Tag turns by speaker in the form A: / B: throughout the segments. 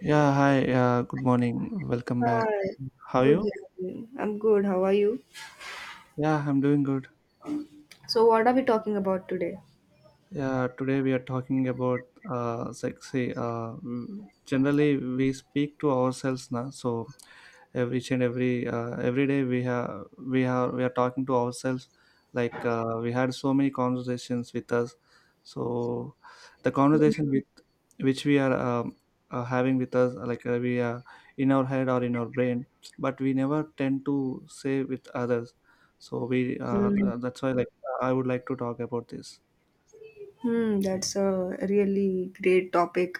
A: Yeah, hi. Good morning. Welcome back.
B: Hi,
A: How are
B: good.
A: you?
B: Evening. I'm good. How are you?
A: Yeah, I'm doing good.
B: So, what are we talking about today?
A: Yeah, today we are talking about sexy. Generally, we speak to ourselves now. So, every each and every day we are talking to ourselves. Like we had so many conversations with us. So, the
B: Mm.
A: conversation with which we are having with us, like we are in our head or in our brain, but we never tend to say with others. So we
B: Mm.
A: that's why, like, I would like to talk about this.
B: Hmm, that's a really great topic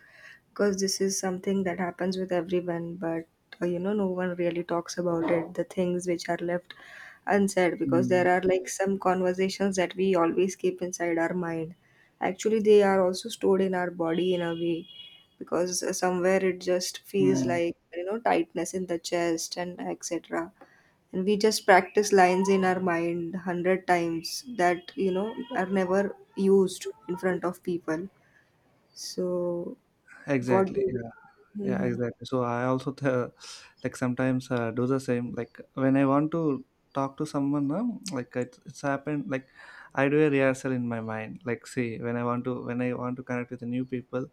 B: because this is something that happens with everyone, but you know, no one really talks about it. The things which are left unsaid because
A: Mm.
B: there are like some conversations that we always keep inside our mind. Actually, they are also stored in our body in a way because somewhere it just feels
A: Mm,
B: like you know tightness in the chest and etc, and we just practice lines in our mind 100 times that you know are never used in front of people. So what do
A: exactly.
B: you
A: Yeah. Yeah.
B: Mhm.
A: Exactly. So I also like sometimes do the same. Like when I want to talk to someone, like it's happened. Like I do a rehearsal in my mind. Like see, when I want to connect with the new people,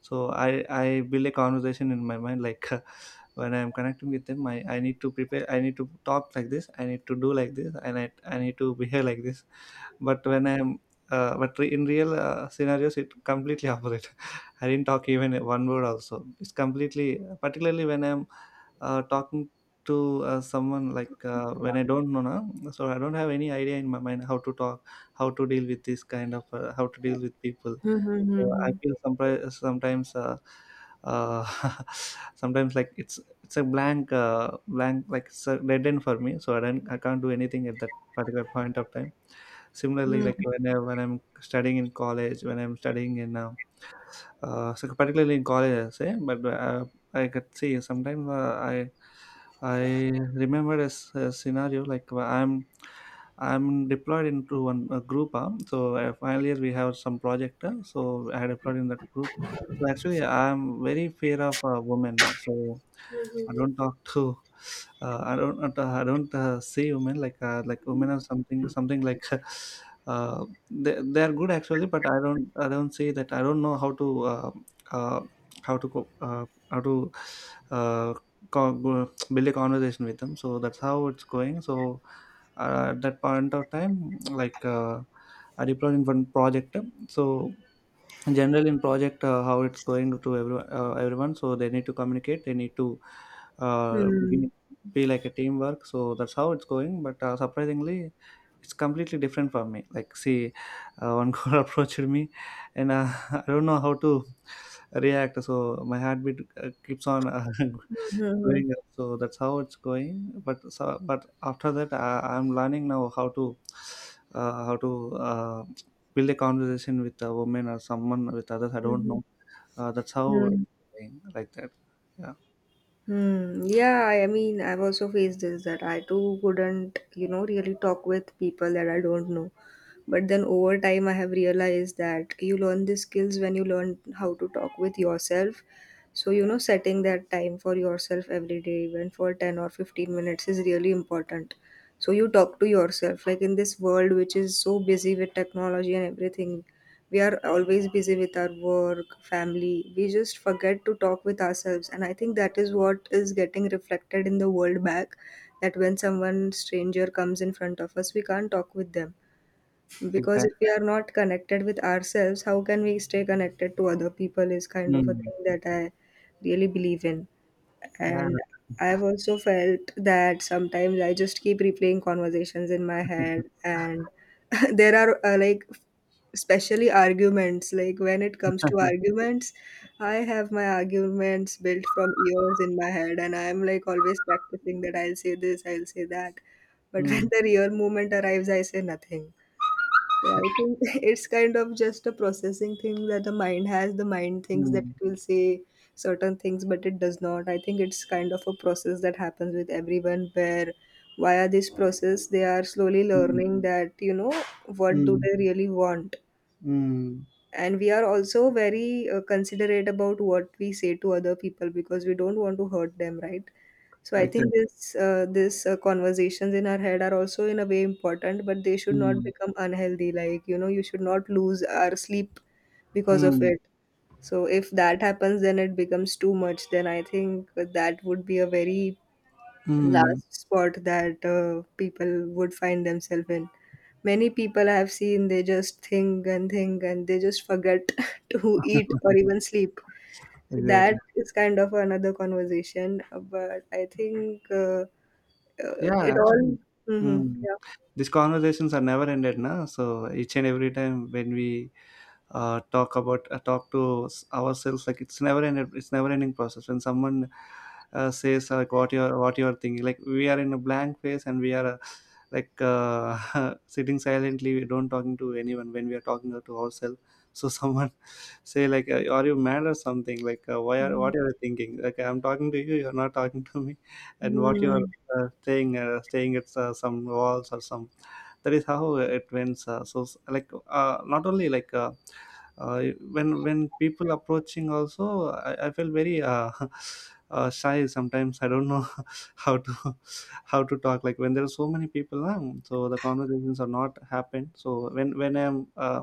A: so I build a conversation in my mind. Like when I'm connecting with them, I need to prepare. I need to talk like this. I need to do like this, and I need to behave like this. But when I'm in real scenarios, it completely opposite. I didn't talk even one word. Also, it's completely particularly when I'm talking to someone, like when I don't know, na, so I don't have any idea in my mind how to talk, how to deal with this kind of, how to deal with people.
B: Hmm.
A: So I
B: Hmm.
A: feel uh, sometimes, like, it's a blank, blank, like it's a dead end for me. So I can't do anything at that particular point of time. Similarly,
B: Hmm.
A: like when I'm studying in college, when I'm studying in so particularly in college, I say, but I could see sometimes I remember a scenario like where I'm deployed into one a group. Final year we have some project, so I had deployed in that group. So actually, I'm very fear of women. So I don't talk to I don't see women like women or something like uh, they are good actually, but I don't see that. I don't know how to uh, how to how to uh, build a conversation with them. So that's how it's going. So at that point of time, like I deployed in one project, so general in project, how it's going to every, everyone, so they need to communicate, they need to uh,
B: Hmm. Hmm.
A: be, be like a teamwork. So that's how it's going, but surprisingly, it's completely different for me. Like, see, one girl approached me, and I don't know how to react. So my heartbeat keeps on
B: Hmm.
A: going up. So that's how it's going, but so, but after that I'm learning now how to uh, how to uh, build a conversation with a woman or someone with others. I
B: Hmm.
A: don't
B: Hmm.
A: know. That's how it's
B: Hmm.
A: going, like that. Yeah,
B: Hmm. Yeah, I mean, I've also faced this that I too couldn't, you know, really talk with people that I don't know. But then over time, I have realized that you learn these skills when you learn how to talk with yourself. So, you know, setting that time for yourself every day, even for 10 or 15 minutes, is really important. So, you talk to yourself. Like in this world, which is so busy with technology and everything, we are always busy with our work family, we just forget to talk with ourselves, and I think that is what is getting reflected in the world back, that when someone stranger comes in front of us we can't talk with them because
A: exactly.
B: if we are not connected with ourselves, how can we stay connected to other people is kind of a
A: Mm.
B: thing that I really believe in.
A: Yeah.
B: And I've also felt that sometimes I just keep replaying conversations in my head, and there are like especially arguments. Like when it comes to arguments, I have my arguments built from years in my head, and I'm like always practicing that I'll say this, I'll say that. But
A: Mm.
B: when the real moment arrives, I say nothing. Yeah, I think it's kind of just a processing thing that the mind has. The mind thinks that
A: Mm.
B: it will say certain things, but it does not. I think it's kind of a process that happens with everyone where via this process they are slowly
A: Mm.
B: learning that, you know, what do
A: Mm.
B: they really want.
A: Mm.
B: And we are also very considerate about what we say to other people because we don't want to hurt them, right? So I think
A: Exactly.
B: this conversations in our head are also in a way important, but they should not
A: Mm.
B: become unhealthy, like you know, you should not lose our sleep because of
A: Mm.
B: it. So if that happens, then it becomes too much, then I think that would be a very
A: Mm.
B: last spot that people would find themselves in. Many people I have seen, they just think and they just forget to eat or even sleep. So that
A: Exactly.
B: is kind of another conversation, but I think
A: Yeah,
B: it all.
A: actually.
B: Hmm
A: Mm.
B: yeah.
A: These conversations are never ended, na? So each and every time when we talk to ourselves, like, it's never ended, it's never ending process. When someone says, like, what you're thinking, like we are in a blank phase and we are sitting silently, we don't talking to anyone when we are talking to ourselves. So someone say like, are you mad or something, like, why are what are you thinking? Like, I'm talking to you, you're not talking to me. And what you are
B: Mm-hmm.
A: staying at some walls or some? That is how it went. Uh, so s- like Not only like, uh, when people approaching also, I felt very shy. Sometimes I don't know how to talk like when there are so many people. So the conversations are not happened. So when I'm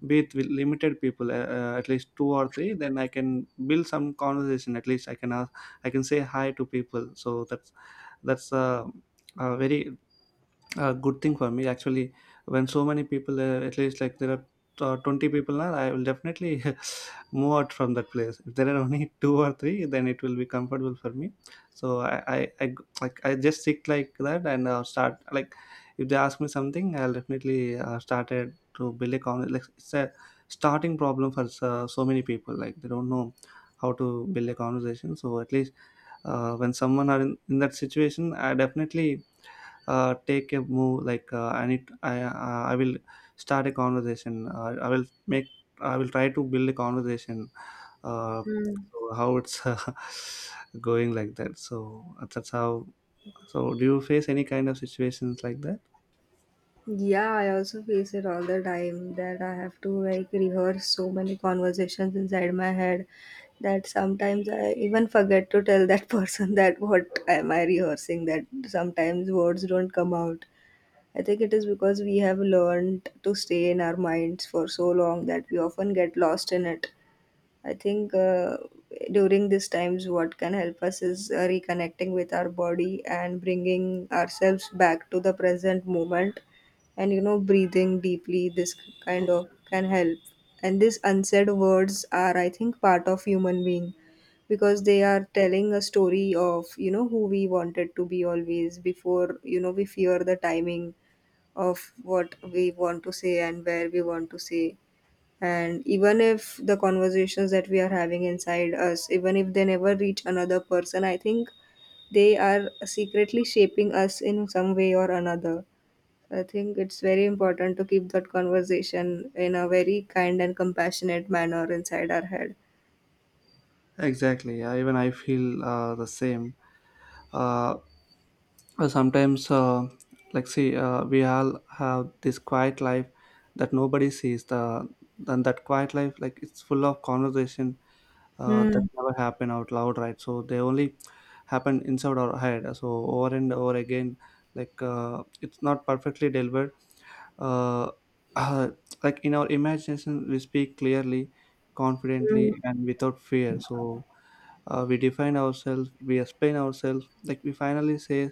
A: with limited people, at least two or three, then I can build some conversation. At least I can ask, I can say hi to people. So that's a very, a good thing for me actually. When so many people, at least like there are 20 people now, I will definitely move out from that place. If there are only two or three, then it will be comfortable for me. So I like, I just stick like that, and I'll start like, if they ask me something, I'll definitely started to build a con, like it's a starting problem for so many people. Like they don't know how to build a conversation. So at least, when someone are in that situation, I definitely take a move. Like, I need I will start a conversation. I will make, I will try to build a conversation. Uh, so how it's going, like that. So that's how. So do you face any kind of situations like that?
B: Yeah, I also face it all the time that I have to like rehearse so many conversations inside my head that sometimes I even forget to tell that person that what am I rehearsing, that sometimes words don't come out. I think it is because we have learned to stay in our minds for so long that we often get lost in it. I think during these times, what can help us is reconnecting with our body and bringing ourselves back to the present moment. And you know, breathing deeply, this kind of can help. And these unsaid words are, I think, part of human being because they are telling a story of you know who we wanted to be always, before you know we fear the timing of what we want to say and where we want to say. And even if the conversations that we are having inside us, even if they never reach another person, I think they are secretly shaping us in some way or another. I think it's very important to keep that conversation in a very kind and compassionate manner inside our head.
A: Exactly. Even I feel the same. Uh, sometimes, uh, like, see, we all have this quiet life that nobody sees. Then that quiet life, like, it's full of conversation that
B: Hmm.
A: never happen out loud, right? So they only happen inside our head, so over and over again. Like, it's not perfectly delivered. Uh, uh, like, in our imagination, we speak clearly,
B: Hmm.
A: confidently, and without fear. So we define ourselves, we explain ourselves. Like, we finally say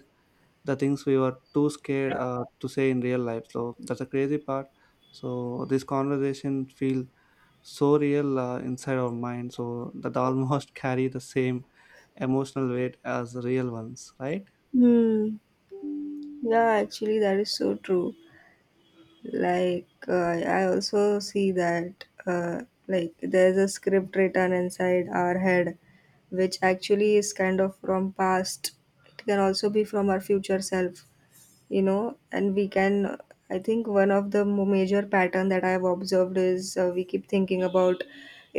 A: the things we were too scared to say in real life. So that's a crazy part. So this conversation feel so real inside our mind, so that almost carry the same emotional weight as real ones, right?
B: Hmm. Yeah, actually, that is so true. Like I also see that like there's a script written inside our head, which actually is kind of from past. It can also be from our future self, you know, and we can I think one of the major pattern that I have observed is we keep thinking about,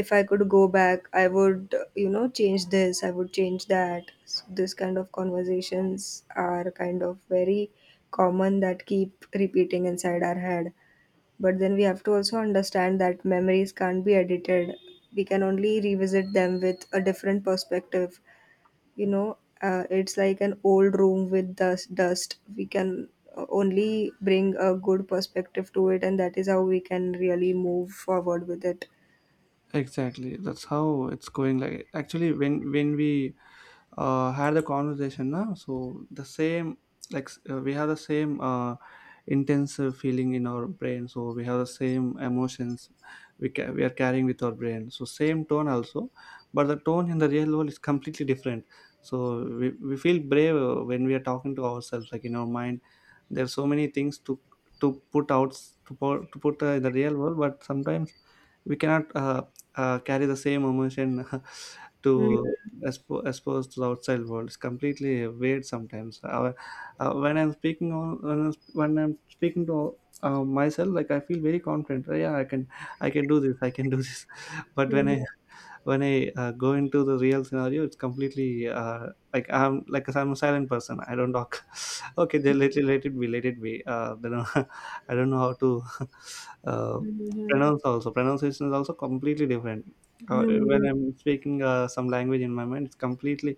B: if I could go back I would, you know, change this, I would change that. So this kind of conversations are kind of very common that keep repeating inside our head. But then we have to also understand that memories can't be edited. We can only revisit them with a different perspective. You know, it's like an old room with dust. Dust. We can only bring a good perspective to it, and that is how we can really move forward with it.
A: Exactly, that's how it's going. Like, actually, when we had the conversation now, so the same, like, we have the same intense feeling in our brain. So we have the same emotions we, we are carrying with our brain, so same tone also, but the tone in the real world is completely different. So we feel brave when we are talking to ourselves, like in our mind there are so many things to put out, to put in the real world. But sometimes we cannot carry the same emotion to
B: Mm-hmm.
A: expose to the outside world. It's completely weird sometimes. When I'm speaking on, when I'm speaking to myself, like, I feel very confident. Yeah, I can, I can do this. I can do this. But when I go into the real scenario, it's completely like, I'm like, I'm a silent person, I don't talk. Okay, they let it be, let it be. Then I don't know how to uh,
B: Hmm.
A: pronounce also. Pronunciation is also completely different uh, when I'm speaking some language in my mind. It's completely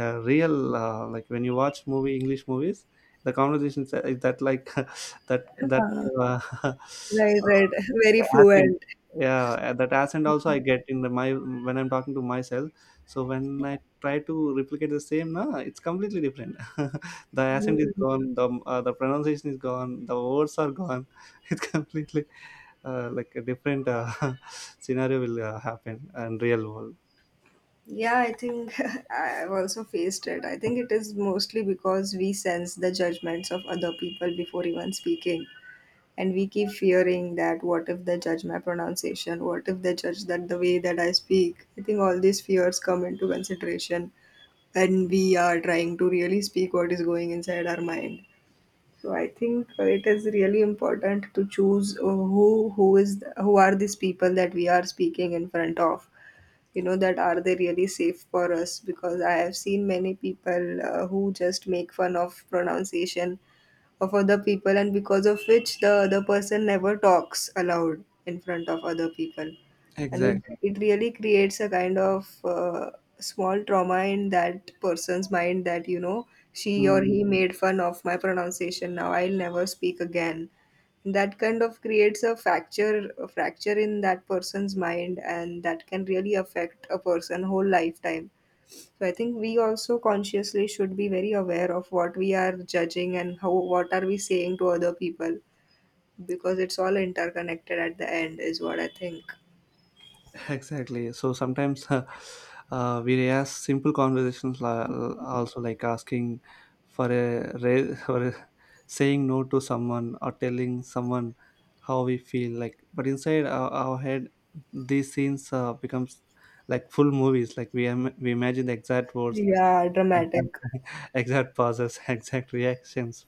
A: real. Like, when you watch movie, english movies, the conversation is that, like, that that uh,
B: Right,
A: uh,
B: right. Very
A: accent.
B: fluent.
A: Yeah, that accent also I get in the my, when I'm talking to myself. So when I try to replicate the same, nah, it's completely different. The accent is gone, the pronunciation is gone, the words are gone. It's completely like a different scenario will happen in real world.
B: Yeah, I think I've also faced it. I think it is mostly because we sense the judgments of other people before even speaking. And we keep fearing that, what if they judge my pronunciation? What if they judge that the way that I speak? I think all these fears come into consideration when we are trying to really speak what is going inside our mind. So I think it is really important to choose who are these people that we are speaking in front of, you know, that are they really safe for us, because I have seen many people who just make fun of pronunciation of other people, and because of which the other person never talks aloud in front of other people. And it,
A: Exactly.
B: it really creates a kind of small trauma in that person's mind, that you know, she or he made fun of my pronunciation, now I'll never speak again. That kind of creates a fracture, a fracture in that person's mind, and that can really affect a person whole lifetime. So I think we also consciously should be very aware of what we are judging and how what are we saying to other people, because it's all interconnected at the end, is what I think.
A: Exactly. So sometimes we ask simple conversations, also, like, asking for for a, saying no to someone or telling someone how we feel. Like, but inside our head, these scenes becomes like full movies. Like we imagine the exact words,
B: Yeah,
A: exact,
B: dramatic.
A: exact pauses, exact reactions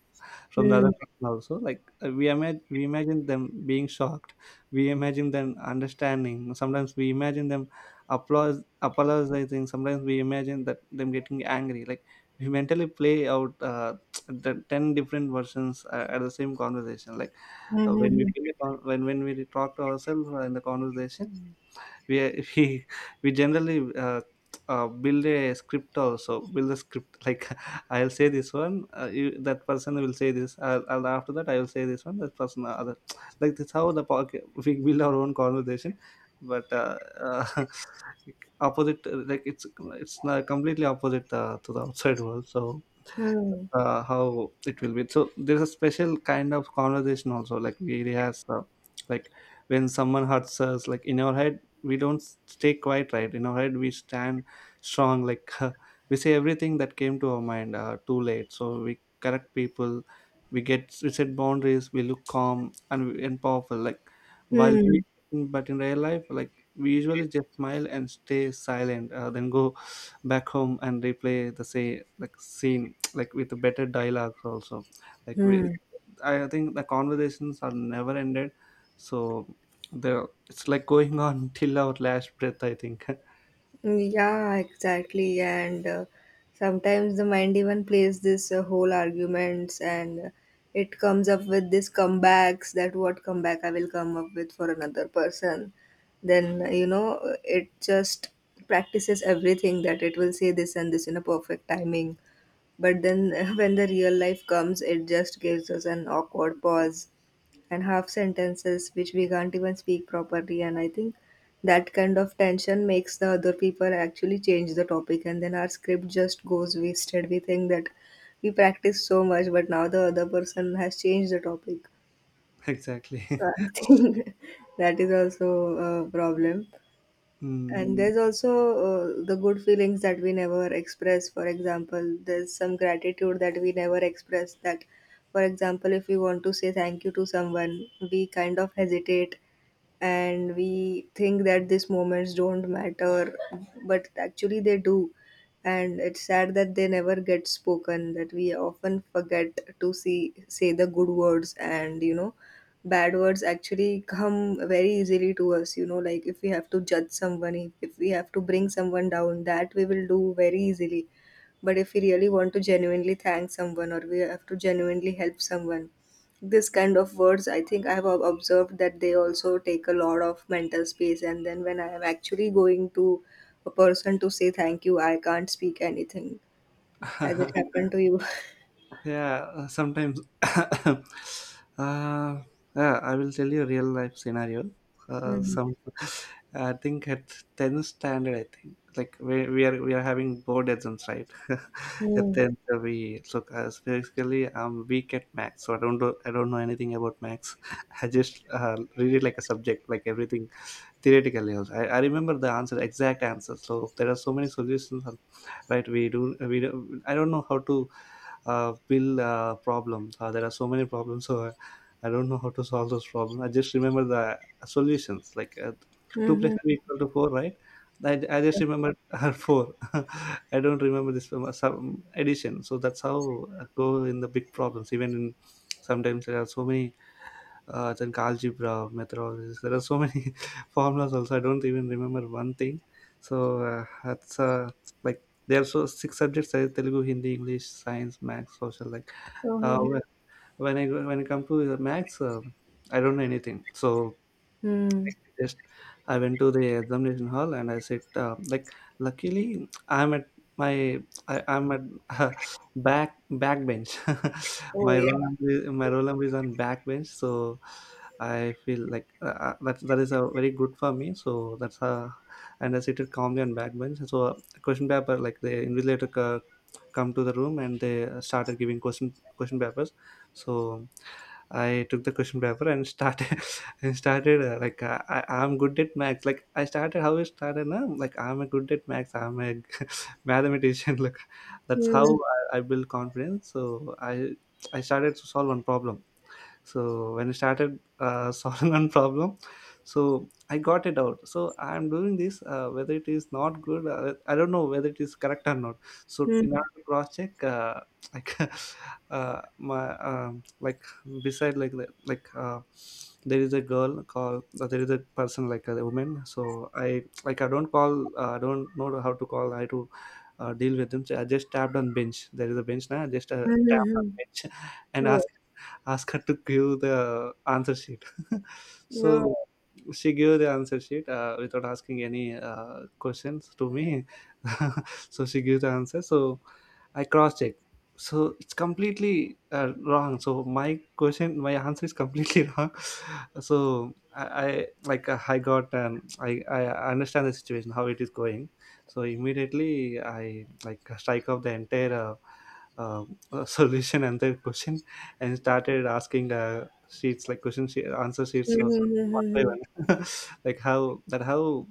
A: from the
B: Hmm.
A: other person also. We imagine, we imagine them being shocked, we imagine them understanding, sometimes we imagine them applause apologizing, sometimes we imagine that them getting angry. Like we mentally play out the 10 different versions at the same conversation. Like
B: Hmm.
A: when we
B: Hmm.
A: feel the when we talk to ourselves in the conversation, we we generally build a script, also build a script. like I'll say this one, you, that person will say this. I'll after that, I will say this one, that person other. like that's how the pocket we build our own conversation. But opposite, like it's not completely opposite to the outside world. So
B: Hmm. Hmm.
A: how it will be. So there's a special kind of conversation also. Like we rehearse, like when someone hurts us, like in our head we don't stay quiet, right? In our head we stand strong. Like we say everything that came to our mind. Too late, so we correct people. We get we set boundaries. We look calm and powerful. Like while we,
B: Hmm.
A: but in real life, like we usually just smile and stay silent, then go back home and replay the say like scene, like with better dialogues also. Like we,
B: Hmm.
A: I think the conversations are never ended, so the it's like going on till our last breath, I think.
B: Yeah, exactly. And sometimes the mind even plays this whole arguments, and it comes up with these comebacks, that what comeback I will come up with for another person. Then, you know, it just practices everything, that it will say this and this in a perfect timing. But then when the real life comes, it just gives us an awkward pause and half sentences which we can't even speak properly. And I think that kind of tension makes the other people actually change the topic, and then our script just goes wasted. We think that we practiced so much, but now the other person has changed the topic.
A: exactly.
B: So I think that is also a problem.
A: mm.
B: And there's also the good feelings that we never express. For example, there's some gratitude that we never express, that for example if we want to say thank you to someone, we kind of hesitate, and we think that these moments don't matter, but actually they do. And it's sad that they never get spoken, that we often forget to see say the good words, and you know, bad words actually come very easily to us, you know, like if we have to judge someone, if we have to bring someone down, that we will do very easily. But if we really want to genuinely thank someone, or we have to genuinely help someone, this kind of words I think I have observed that they also take a lot of mental space, and then when I am actually going to a person to say thank you, I can't speak anything. Has it happened to you?
A: yeah, sometimes, uh, yeah, I will tell you a real life scenario. Some, I think at 10th standard, I think like we are having board exams, right? at
B: Mm-hmm.
A: 10th, we look, basically I'm weak at max, so I don't know anything about max. I just read it like a subject, like everything theoretically also. I remember the answer, exact answer. So there are so many solutions, right? We do, I don't know how to build problem. There are so many problems, so I don't know how to solve those problems. I just remember the solutions, like two plus
B: Mm-hmm.
A: three equal to four, right? I just remember four. I don't remember this from some addition. So that's how I go in the big problems. Even in sometimes there are so many then algebra, methodologies. There are so many formulas also. I don't even remember one thing. So that's like there are so six subjects: like Telugu, Hindi, English, Science, maths, Social. Like
B: Oh.
A: uh,
B: Hmm.
A: wh- when when I come to the maths, I don't know anything. So just I went to the examination hall and I said, like, luckily my I'm at back bench.
B: Oh,
A: my
B: yeah.
A: roll number is, my roll number is on back bench, so I feel like that that is a very good for me. So that's and I seated calmly on back bench. So question paper like the invigilator come to the room and they started giving question papers. So I took the question paper and started, and started like I I'm good at maths. Like I started how I started now. Like I'm a good at maths. I'm a mathematician. Like that's how I build confidence. So I started to solve one problem. So when I started solving one problem, so I got it out, so I'm doing this, whether it is not good, I don't know whether it is correct or not. So in
B: Mm-hmm.
A: order to cross check, like my like beside, like there is a girl called, there is a person like a woman, so I like I don't call, I don't know how to call I to deal with them. So I just tapped on bench, there is a bench, now I just tapped on bench and
B: Oh,
A: asked, ask her to give the answer sheet.
B: no.
A: so she gave the answer sheet without asking any questions to me. so she gave the answer. So I cross checked. So it's completely wrong. So my question, my answer is completely wrong. So I like, I got, I I understand the situation how it is going. So immediately I like strike off the entire uh, solution and the question, and started asking sheets, like question sheet, answer sheets, so one by
B: Mm-hmm.
A: one, like how that how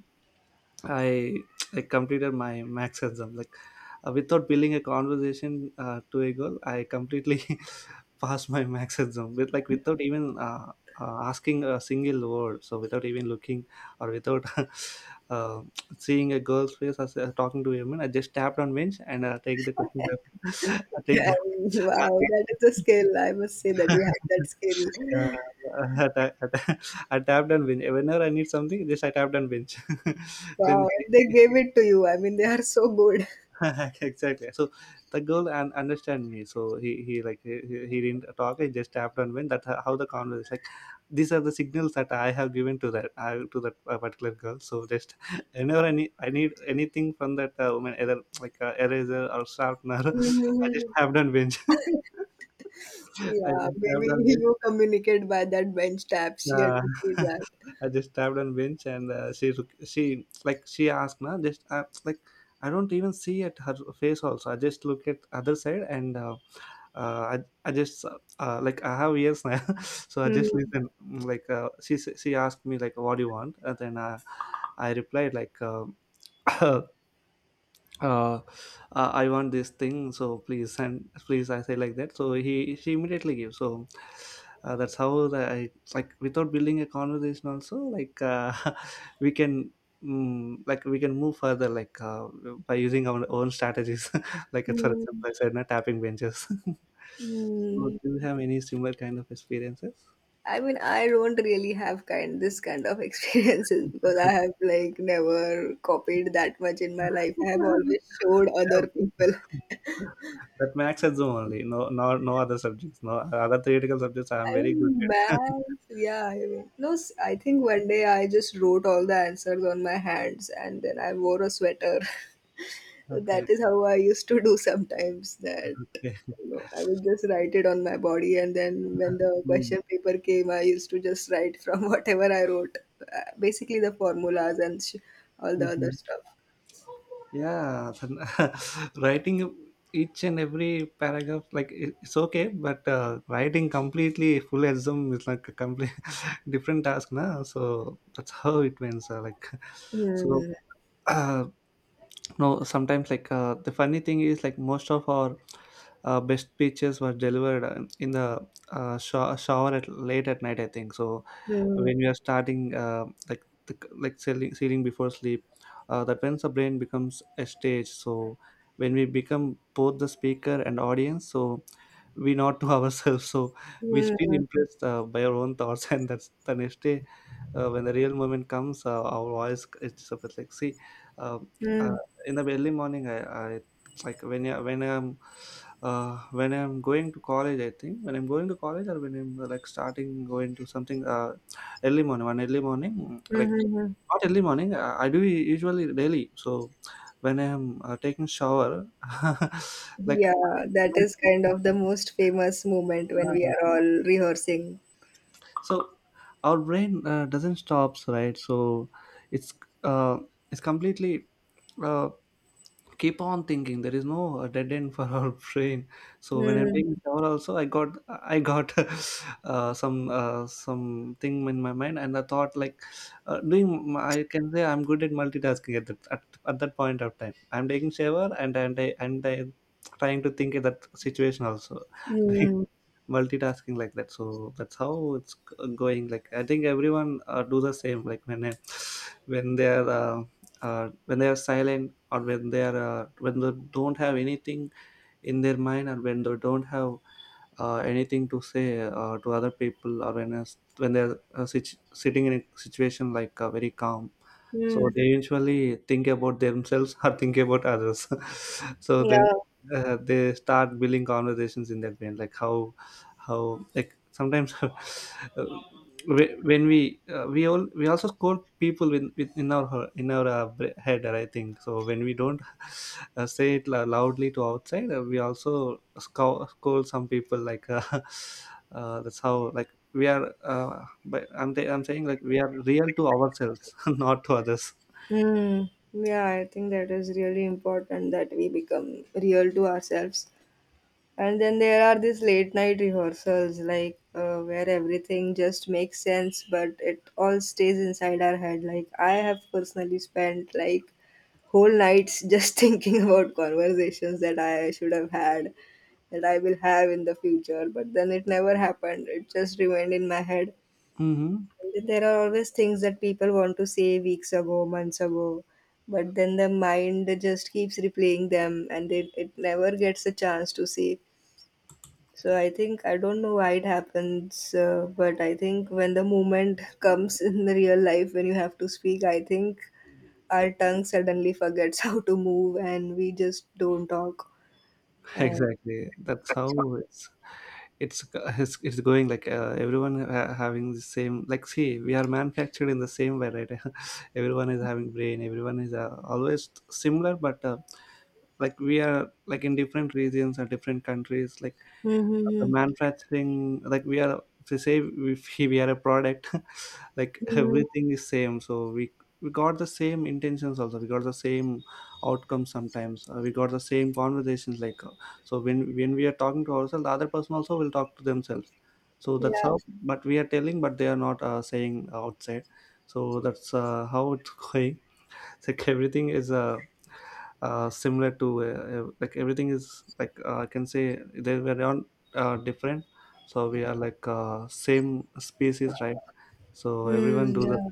A: I like completed my max exam, like without building a conversation to a girl, I completely passed my max exam with, like, without even asking a single word. So without even looking, or without uh, seeing a girl's face, or talking to a woman, I just tapped on bench and take the question, I take
B: Yeah,
A: the
B: wow,
A: answer.
B: that is a skill. I must say that you have that
A: Yeah,
B: skill.
A: I at I tapped on Binge. Whenever I need something, just I tapped on Binge. Then
B: Wow, and they gave it to you. I mean, they are so good.
A: exactly. So the girl and understand me. So he like he didn't talk. He just tapped on Binge. That's how the conversation. Like these are the signals that I have given to to that particular girl. So just whenever I need anything from that woman, either like eraser or sharpener, I just
B: Mhm.
A: tapped on Binge. I
B: Yeah,
A: just tapped
B: maybe
A: on Binge.
B: you communicate by that bench tap. She
A: Yeah.
B: understood that.
A: I just tapped on bench and she like she asked na, just like I don't even see at her face also. I just look at other side and uh, I, I just like I have ears now, so I just
B: Hmm.
A: listen. Mm. Like, she asked me like what do you want, and then I replied like. Uh, I want this thing, so please send, please, I say like that. So he she immediately gives. So that's how I like without building a conversation also, like we can mm, like we can move further like by using our own strategies. like for
B: Hmm.
A: example, I said, not tapping benches. so
B: Hmm.
A: do you have any similar kind of experiences?
B: I mean, I don't really have kind this kind of experiences because I have like never copied that much in my life. I have always showed
A: Yeah,
B: other people.
A: that max at Zoom only. No, no, no other subjects. No other theoretical subjects. I am
B: I
A: very good
B: mean,
A: at.
B: maths, yeah. I mean, no, s- I think one day I just wrote all the answers on my hands and then I wore a sweater. So
A: Okay,
B: that is how I used to do sometimes that
A: okay.
B: you know, I would just write it on my body, and then when the
A: Mm,
B: question paper came, I used to just write from whatever I wrote, basically the formulas and all the other
A: mhm.
B: stuff.
A: Yeah, then, writing each and every paragraph, like it's okay, but writing completely full exam is like a complete different task, na? So that's how it went. So like, so
B: Hmm.
A: no sometimes like, the funny thing is like most of our best speeches were delivered in the shower at late at night, I think. So
B: Hmm.
A: when we are starting, like like sealing, sealing before sleep, that when the brain becomes a stage. So when we become both the speaker and audience, so we nod to ourselves, so we
B: Hmm.
A: feel
B: Hmm.
A: impressed by our own thoughts, and that's the next day when the real moment comes, our voice it's a bit like see, um, uh,
B: Hmm.
A: in the early morning, I like when I, when I'm going to college, I think when I'm going to college, or when I'm like starting going to something, early morning, one early morning, like
B: Hmm. Hmm.
A: not early morning, I do usually daily. So when I'm taking shower, like.
B: Yeah, that is kind of the most famous moment when we are all rehearsing.
A: So our brain doesn't stops, right? So it's uh, it's completely uh, keep on thinking, there is no dead end for our brain. So when I'm
B: Mm,
A: taking shower also, I got I got some something in my mind, and I thought like doing, I can say I'm good at multitasking. At that, at that point of time, I'm taking shower, and I and I trying to think at that situation also.
B: mm,
A: multitasking like that. So that's how it's going. Like I think everyone do the same, like when they are uh, when they are silent, or when they are when they don't have anything in their mind, or when they don't have anything to say to other people, or when they're sitting in a situation like very calm, so
B: mm.
A: they usually think about themselves, or think about others. so then
B: Yeah.
A: they start building conversations in that vein, like how like sometimes, when we all we also quote people in with, in our in our head, I think. So when we don't say it loudly to outside, we also scold, scold some people like, that's how like we are, but I'm saying like we are real to ourselves, not to others.
B: Hmm. Yeah, I think that is really important that we become real to ourselves. And then there are these late night rehearsals, like where everything just makes sense, but it all stays inside our head. Like I have personally spent like whole nights just thinking about conversations that I should have had, that I will have in the future, but then it never happened. It just remained in my head.
A: Hmm.
B: There are always things that people want to say weeks ago, months ago, but then the mind just keeps replaying them, and it never gets a chance to say. So I think, I don't know why it happens, but I think when the moment comes in the real life when you have to speak, I think our tongue suddenly forgets how to move and we just don't talk. And,
A: Exactly, that's how it's going. Like everyone having the same, like see, we are manufactured in the same way, right? everyone is having brain, everyone is always similar, but like we are like in different regions or different countries like the
B: mm-hmm.
A: manufacturing, like we are to say we we are a product. Like
B: Mm-hmm.
A: everything is same, so we got the same intentions, also we got the same outcomes sometimes. We got the same conversations like. So when we are talking to ourselves, the other person also will talk to themselves. So that's
B: Yeah.
A: how, but we are telling but they are not saying outside. So that's, how it's going. It's like everything is similar to, like everything is like, I can say they were not different. So we are like, same species, right? So everyone
B: Mm,
A: do the.
B: yeah.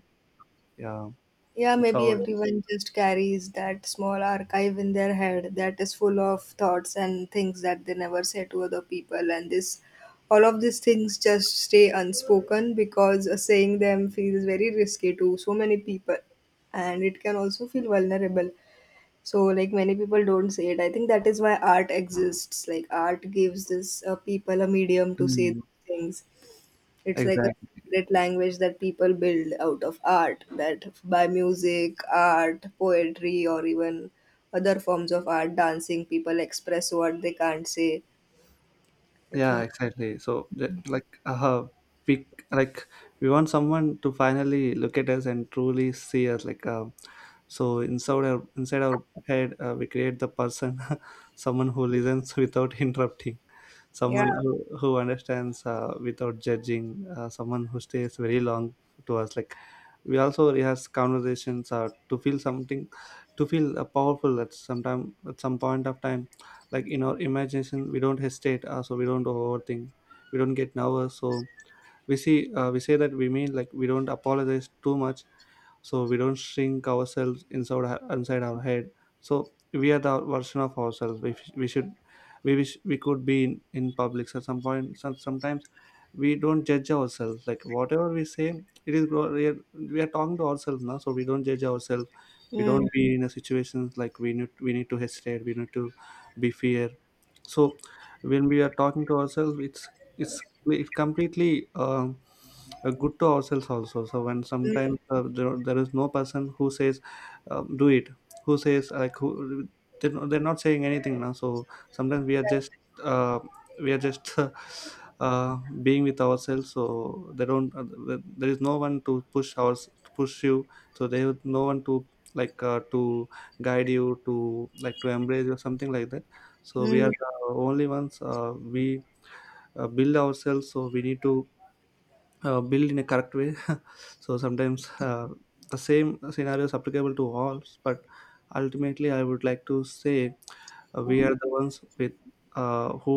A: Yeah.
B: Yeah,
A: It's
B: maybe
A: how.
B: everyone just carries that small archive in their head that is full of thoughts and things that they never say to other people, and this all of these things just stay unspoken because saying them feels very risky to so many people, and it can also feel vulnerable. So like many people don't say it. I think that is why art exists. Like art gives this people a medium to say
A: Mm.
B: things. It's like a
A: Exactly.
B: secret language that people build out of art, that by music, art, poetry, or even other forms of art, dancing, people express what they can't say. I
A: Yeah,
B: think.
A: exactly. So like, we like we want someone to finally look at us and truly see us, like. So inside our head, we create the person someone who listens without interrupting,
B: Yeah.
A: someone who understands, without judging, someone who stays very long to us, like. We also rehearse conversations, to feel something, to feel, powerful at some time, at some point of time. Like in our imagination we don't hesitate, so we don't overthink, we don't get nervous. So we see, we say that we mean, like we don't apologize too much, so we don't shrink ourselves inside our head. So we are the version of ourselves we should, we wish we could be in public. So at some point, sometimes we don't judge ourselves, like whatever we say it is, we are talking to ourselves now, so we don't judge ourselves. We don't
B: Mm.
A: be in a situation like we need to hesitate, we need to be fear. So when we are talking to ourselves it's it completely, good to ourselves also. So when sometimes, there is no person who says, do it, who says, like, who, they're not saying anything now. So sometimes uh, we are just being with ourselves. So they don't, there is no one to push you. So they no one to, like, to guide you to, like, to embrace you or something like that. So we are
B: Mm.
A: the only ones, we build ourselves, so we need to build in a correct way so sometimes, the same scenario is applicable to all. But ultimately I would like to say, we are the ones with, uh, who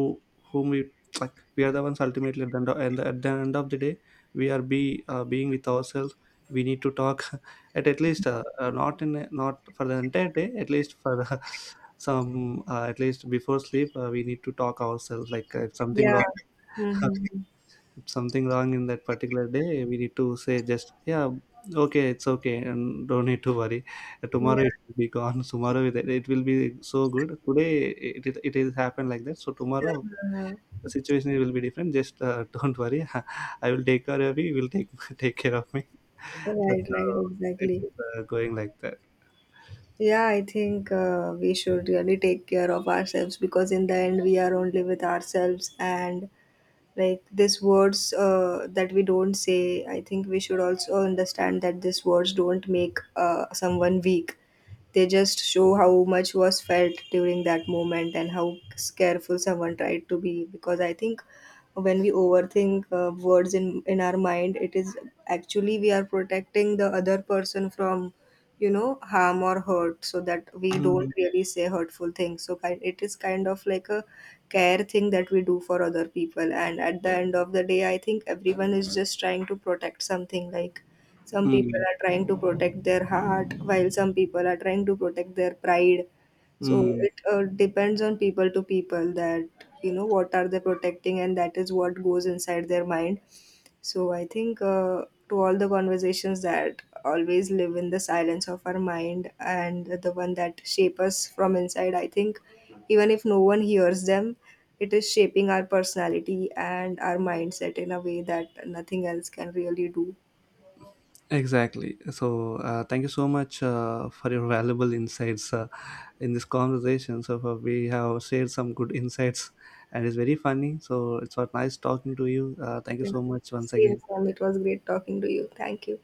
A: whom we, like we are the ones ultimately at the end of the day, we are be being with ourselves. We need to talk at least, not not for the entire day, at least for, some, at least before sleep, we need to talk ourselves, like, if something
B: Yeah.
A: wrong
B: Mm-hmm.
A: If something wrong in that particular day, we need to say just, yeah, okay, it's okay and don't need to worry. Tomorrow it
B: Yeah.
A: will be gone tomorrow it will be so good today, it is happened like that, so tomorrow
B: Uh-huh.
A: the situation will be different. Just, don't worry, I will take care of you, you will take take care of me
B: Right,
A: that's how
B: right, exactly.
A: it's, going like that.
B: Yeah, I think we should really take care of ourselves, because in the end we are only with ourselves. And like these words that we don't say, I think we should also understand that these words don't make someone weak. They just show how much was felt during that moment and how careful someone tried to be, because I think when we overthink words in our mind, it is actually we are protecting the other person from, you know, harm or hurt, so that we
A: Mm.
B: don't really say hurtful things. So kind it is kind of like a care thing that we do for other people. And at the end of the day, I think everyone is just trying to protect something. Like some
A: Mm.
B: people are trying to protect their heart, while some people are trying to protect their pride. So
A: Mm.
B: it depends on people to people that, you know, what are they protecting, and that is what goes inside their mind. So I think to all the conversations that always live in the silence of our mind and the one that shape us from inside, I think even if no one hears them, it is shaping our personality and our mindset in a way that nothing else can really do.
A: Exactly. So, thank you so much, for your valuable insights. In this conversation. So far, we have shared some good insights, and it's very funny. So it's was nice talking to you. Thank you
B: Yeah.
A: so much once
B: Same,
A: again.
B: Sam. It was great talking to you. Thank you.